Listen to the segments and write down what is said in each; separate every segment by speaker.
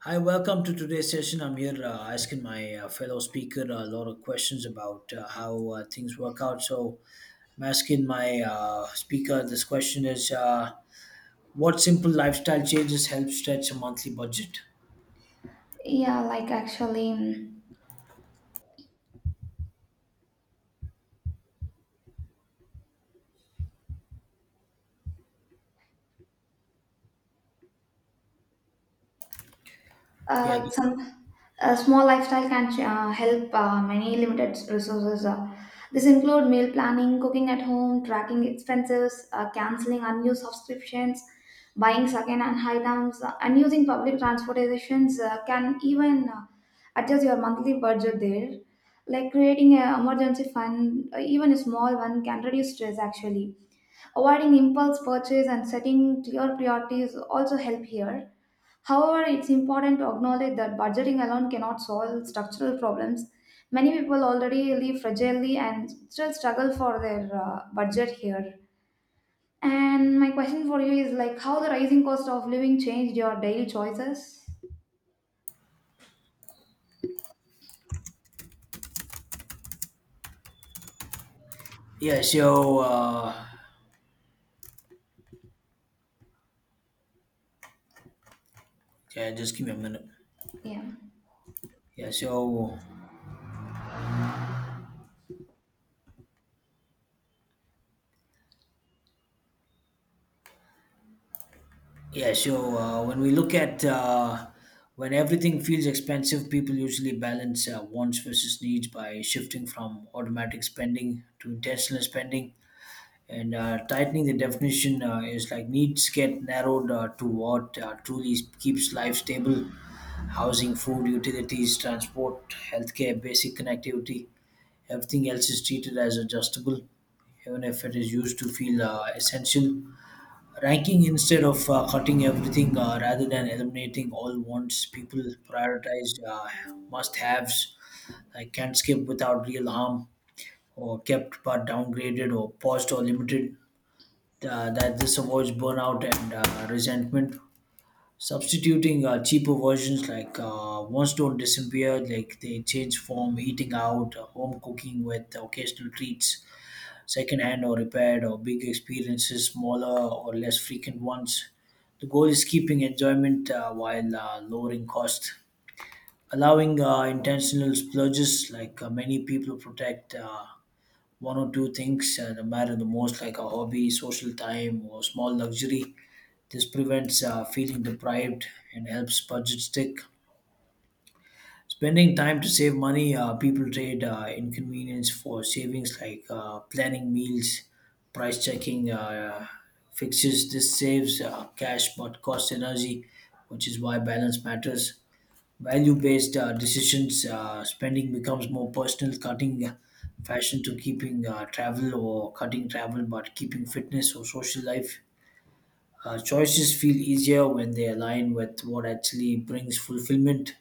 Speaker 1: Hi, welcome to today's session. I'm here asking my fellow speaker a lot of questions about how things work out. So I'm asking my speaker this question is what simple lifestyle changes help stretch a monthly budget?
Speaker 2: Yeah, like actually,
Speaker 1: Yeah,
Speaker 2: like some small lifestyle can help many limited resources. This include meal planning, cooking at home, tracking expenses, canceling unused subscriptions, buying second-hand items, and using public transportations. Can even adjust your monthly budget there. Like creating an emergency fund, even a small one, can reduce stress. Actually, avoiding impulse purchase and setting clear priorities also help here. However, it's important to acknowledge that budgeting alone cannot solve structural problems. Many people already live fragilely and still struggle for their budget here. And my question for you is like how the rising cost of living changed your daily choices?
Speaker 1: yeah, yeah, just give me a minute.
Speaker 2: Yeah,
Speaker 1: Yeah, so yeah, so when we look at when everything feels expensive, people usually balance wants versus needs by shifting from automatic spending to intentional spending. And tightening the definition is like needs get narrowed to what truly keeps life stable, housing, food, utilities, transport, healthcare, basic connectivity. Everything else is treated as adjustable, even if it is used to feel essential. Ranking instead of cutting everything, rather than eliminating all wants, people prioritize must haves, like can't skip without real harm, or kept but downgraded or paused or limited. That this avoids burnout and resentment. Substituting cheaper versions, like ones don't disappear, like they change form, eating out, home cooking with occasional treats, secondhand or repaired, or big experiences, smaller or less frequent ones. The goal is keeping enjoyment while lowering cost. Allowing intentional splurges, like many people protect one or two things that matter the most, like a hobby, social time, or small luxury. This prevents feeling deprived and helps budget stick. Spending time to save money, people trade inconvenience for savings, like planning meals, price checking, fixes. This saves cash but costs energy, which is why balance matters. Value based decisions, spending becomes more personal, cutting fashion to keeping travel, or cutting travel but keeping fitness or social life. Choices feel easier when they align with what actually brings fulfillment.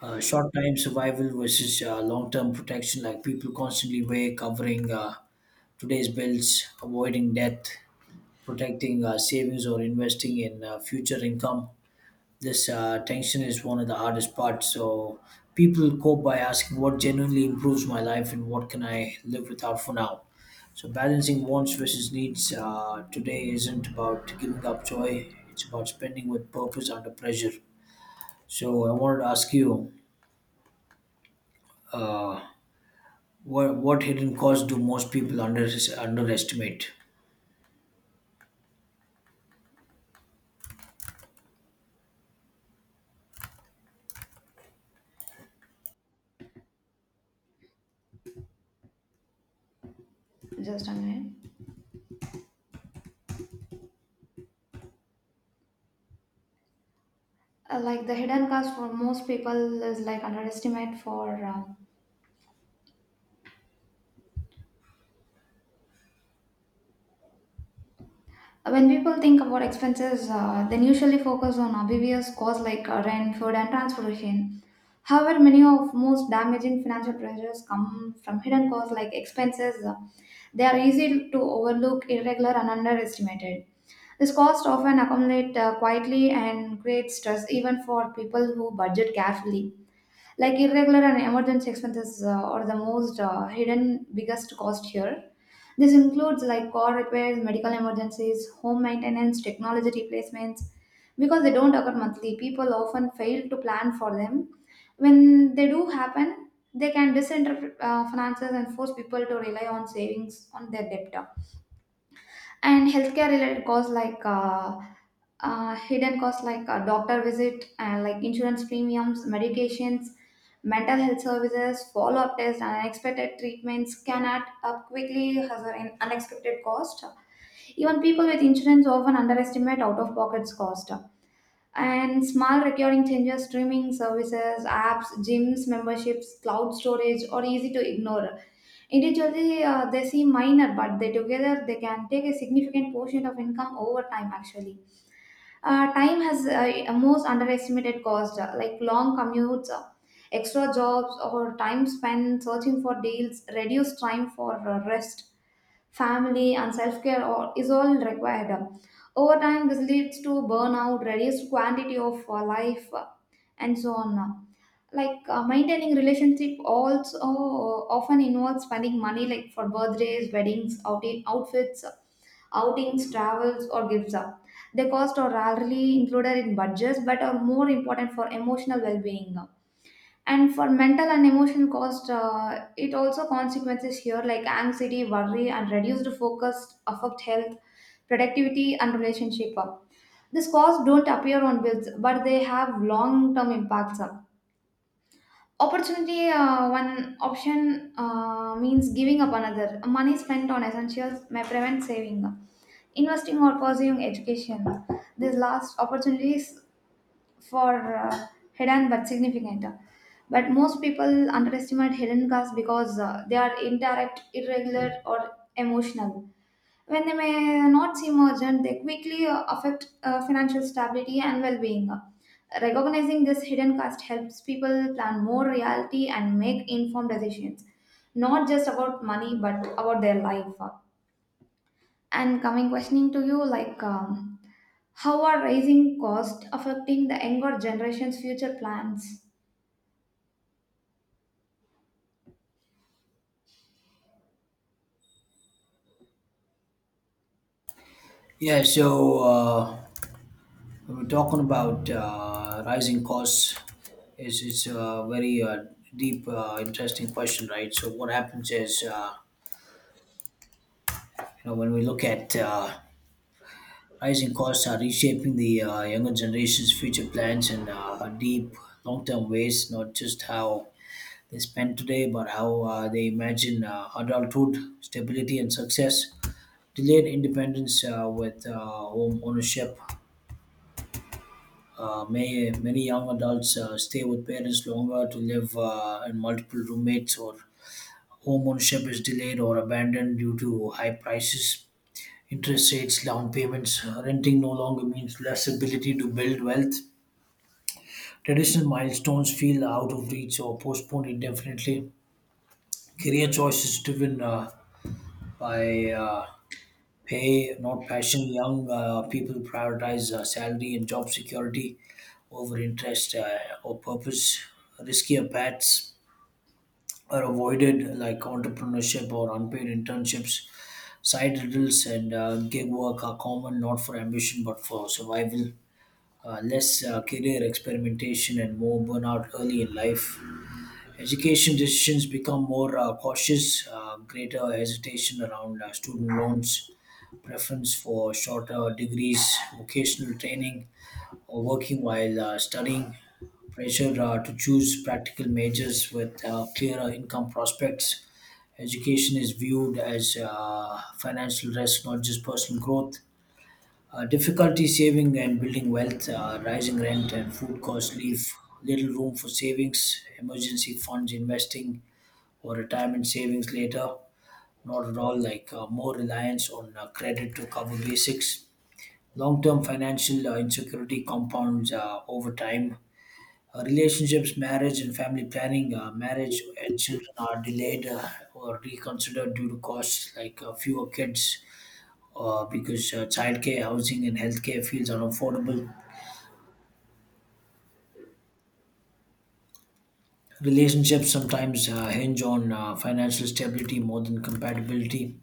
Speaker 1: Short time survival versus long term protection, like people constantly weigh covering today's bills, avoiding debt, protecting savings, or investing in future income. This tension is one of the hardest parts. So people cope by asking what genuinely improves my life and what can I live without for now. So balancing wants versus needs today isn't about giving up joy. It's about spending with purpose under pressure. So I wanted to ask you, what hidden costs do most people underestimate?
Speaker 2: just a minute. Like the hidden cost for most people is like underestimate for. When people think about expenses, they usually focus on obvious costs like rent, food, and transportation. However, many of most damaging financial pressures come from hidden costs like expenses. They are easy to overlook, irregular, and underestimated. This cost often accumulate quietly and create stress even for people who budget carefully. Like irregular and emergency expenses are the most hidden biggest cost here. This includes like car repairs, medical emergencies, home maintenance, technology replacements. Because they don't occur monthly, people often fail to plan for them. When they do happen, they can disinterpret finances and force people to rely on savings on their debt. And healthcare related costs like hidden costs like a doctor visit and like insurance premiums medications mental health services follow-up tests and unexpected treatments can add up quickly as an unexpected cost. Even people with insurance often underestimate out-of-pocket cost. And small recurring changes streaming services apps gyms memberships cloud storage are easy to ignore individually. They seem minor, but they together they can take a significant portion of income over time. Actually, time has most underestimated cost, like long commutes, extra jobs, or time spent searching for deals, reduced time for rest, family, and self care or is all required. Over time, this leads to burnout, reduced quantity of life, and so on. Like maintaining relationship also often involves spending money like for birthdays weddings outing outfits outings travels or gifts up. The cost are rarely included in budgets but are more important for emotional well-being. And for mental and emotional cost it also consequences here, like anxiety worry and reduced focus affect health productivity and relationship. These costs don't appear on bills, but they have long-term impacts. Opportunity, one option means giving up another. Money spent on essentials may prevent saving, investing, or pursuing education. These last opportunities for hidden but significant. But most people underestimate hidden costs because they are indirect, irregular, or emotional. When they may not seem urgent, they quickly affect financial stability and well being. Recognizing this hidden cost helps people plan more reality and make informed decisions, not just about money but about their life. And coming questioning to you, like, how are rising costs affecting the younger generation's future plans?
Speaker 1: Yeah. So. We are talking about rising costs, is it's a very deep, interesting question, right? So what happens is, uh, when we look at rising costs are reshaping the younger generation's future plans in deep, long-term ways, not just how they spend today but how they imagine adulthood, stability, and success. Delayed independence with home ownership. May many young adults stay with parents longer to live in multiple roommates, or home ownership is delayed or abandoned due to high prices, interest rates, down payments. Renting no longer means less ability to build wealth. Traditional milestones feel out of reach or postponed indefinitely. Career choices driven by pay, not passion. Young people prioritize salary and job security over interest or purpose. Riskier paths are avoided, like entrepreneurship or unpaid internships. Side hustles and gig work are common, not for ambition but for survival. Less career experimentation and more burnout early in life. Education decisions become more cautious, greater hesitation around student loans, preference for shorter degrees, vocational training, or working while studying, pressure to choose practical majors with clearer income prospects. Education is viewed as financial risk, not just personal growth. Difficulty saving and building wealth. Rising rent and food costs leave little room for savings, emergency funds, investing, or retirement savings later. Not at all. Like more reliance on credit to cover basics. Long-term financial insecurity compounds over time. Relationships, marriage, and family planning. Marriage and children are delayed or reconsidered due to costs, like fewer kids, because childcare, housing, and healthcare feels unaffordable. Relationships sometimes hinge on financial stability more than compatibility.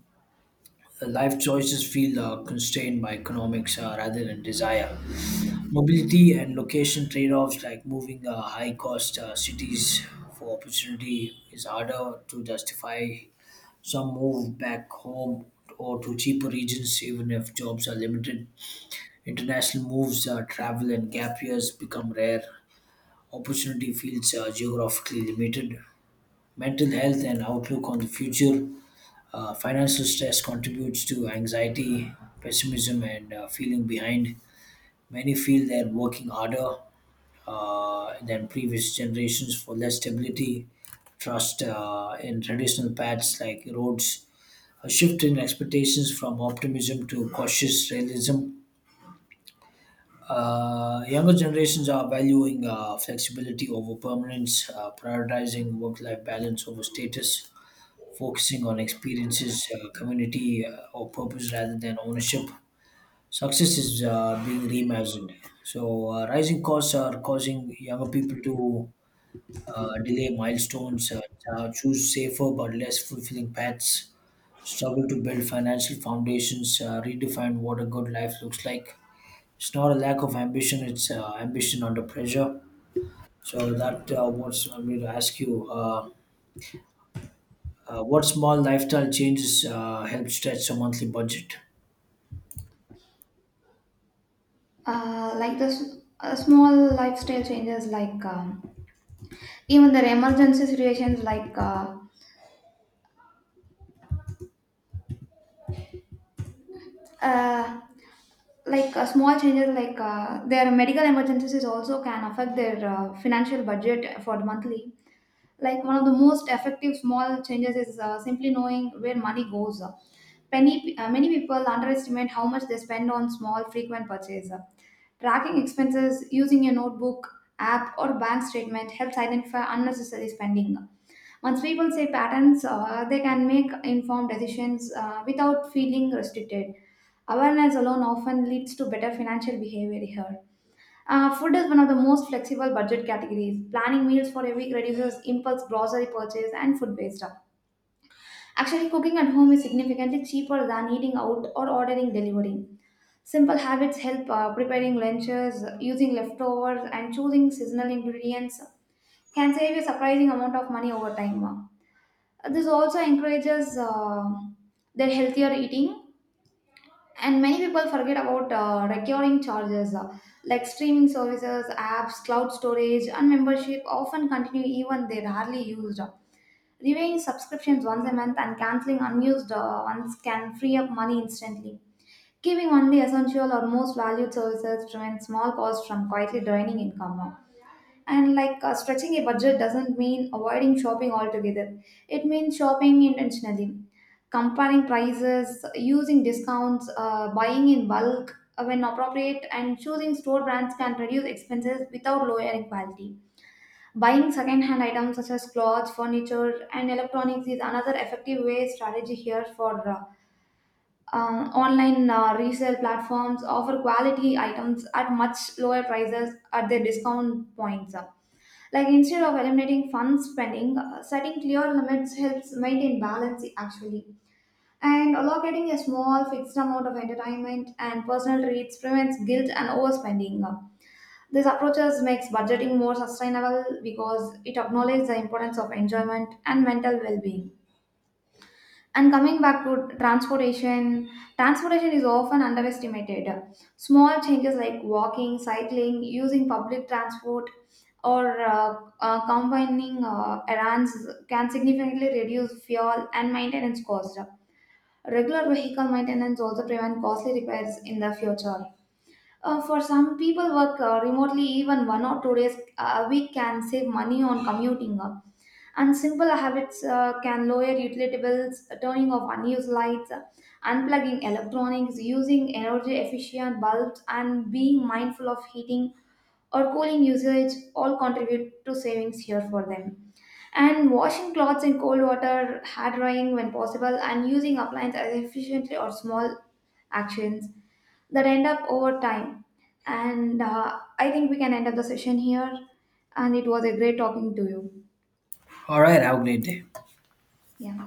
Speaker 1: Life choices feel constrained by economics rather than desire. Mobility and location trade offs, like moving high cost cities for opportunity, is harder to justify. Some move back home or to cheaper regions, even if jobs are limited. International moves, travel, and gap years become rare. Opportunity feels geographically limited. Mental health and outlook on the future. Financial stress contributes to anxiety, pessimism, and feeling behind. Many feel they're working harder than previous generations for less stability, trust in traditional paths like roads, a shift in expectations from optimism to cautious realism. Younger generations are valuing flexibility over permanence, prioritizing work life balance over status, focusing on experiences, community, or purpose rather than ownership. Success is being reimagined. So, rising costs are causing younger people to delay milestones, choose safer but less fulfilling paths, struggle to build financial foundations, redefine what a good life looks like. It's not a lack of ambition; it's ambition under pressure. So that what's I'm going to ask you. What small lifestyle changes help stretch a monthly budget?
Speaker 2: Like the small lifestyle changes, like even their emergency situations, uh, like small changes like their medical emergencies is also can affect their financial budget for the monthly. Like one of the most effective small changes is simply knowing where money goes. Many people underestimate how much they spend on small frequent purchases. Tracking expenses using a notebook, app, or bank statement helps identify unnecessary spending. Once people see patterns, they can make informed decisions without feeling restricted. Awareness alone often leads to better financial behavior here. Food is one of the most flexible budget categories. Planning meals for a week reduces impulse grocery purchase and food waste. Actually, cooking at home is significantly cheaper than eating out or ordering delivery. Simple habits help preparing lunches, using leftovers, and choosing seasonal ingredients can save a surprising amount of money over time. This also encourages their healthier eating. And many people forget about recurring charges like streaming services apps cloud storage and membership often continue even they rarely used. Reviewing subscriptions once a month and canceling unused ones can free up money instantly. Keeping only essential or most valued services prevents small costs from quietly draining income. And like stretching a budget doesn't mean avoiding shopping altogether, it means shopping intentionally, comparing prices, using discounts, buying in bulk when appropriate, and choosing store brands can reduce expenses without lowering quality. Buying second-hand items such as clothes, furniture, and electronics is another effective way strategy here for online resale platforms offer quality items at much lower prices at their discount points. Like instead of eliminating fun spending, setting clear limits helps maintain balance. Actually, and allocating a small fixed amount of entertainment and personal treats prevents guilt and overspending. This approaches makes budgeting more sustainable because it acknowledges the importance of enjoyment and mental well-being. And coming back to transportation, transportation is often underestimated. Small changes like walking, cycling, using public transport, or combining errands can significantly reduce fuel and maintenance cost. Regular vehicle maintenance also prevent costly repairs in the future. For some people work remotely, even 1 or 2 days a week can save money on commuting. And simple habits can lower utility bills, turning off unused lights, unplugging electronics, using energy efficient bulbs, and being mindful of heating or cooling usage all contribute to savings here for them. And washing clothes in cold water, hard drying when possible, and using appliances efficiently or small actions that end up over time. And I think we can end up the session here. And it was a great talking to you.
Speaker 1: All right, have a great day.
Speaker 2: Yeah.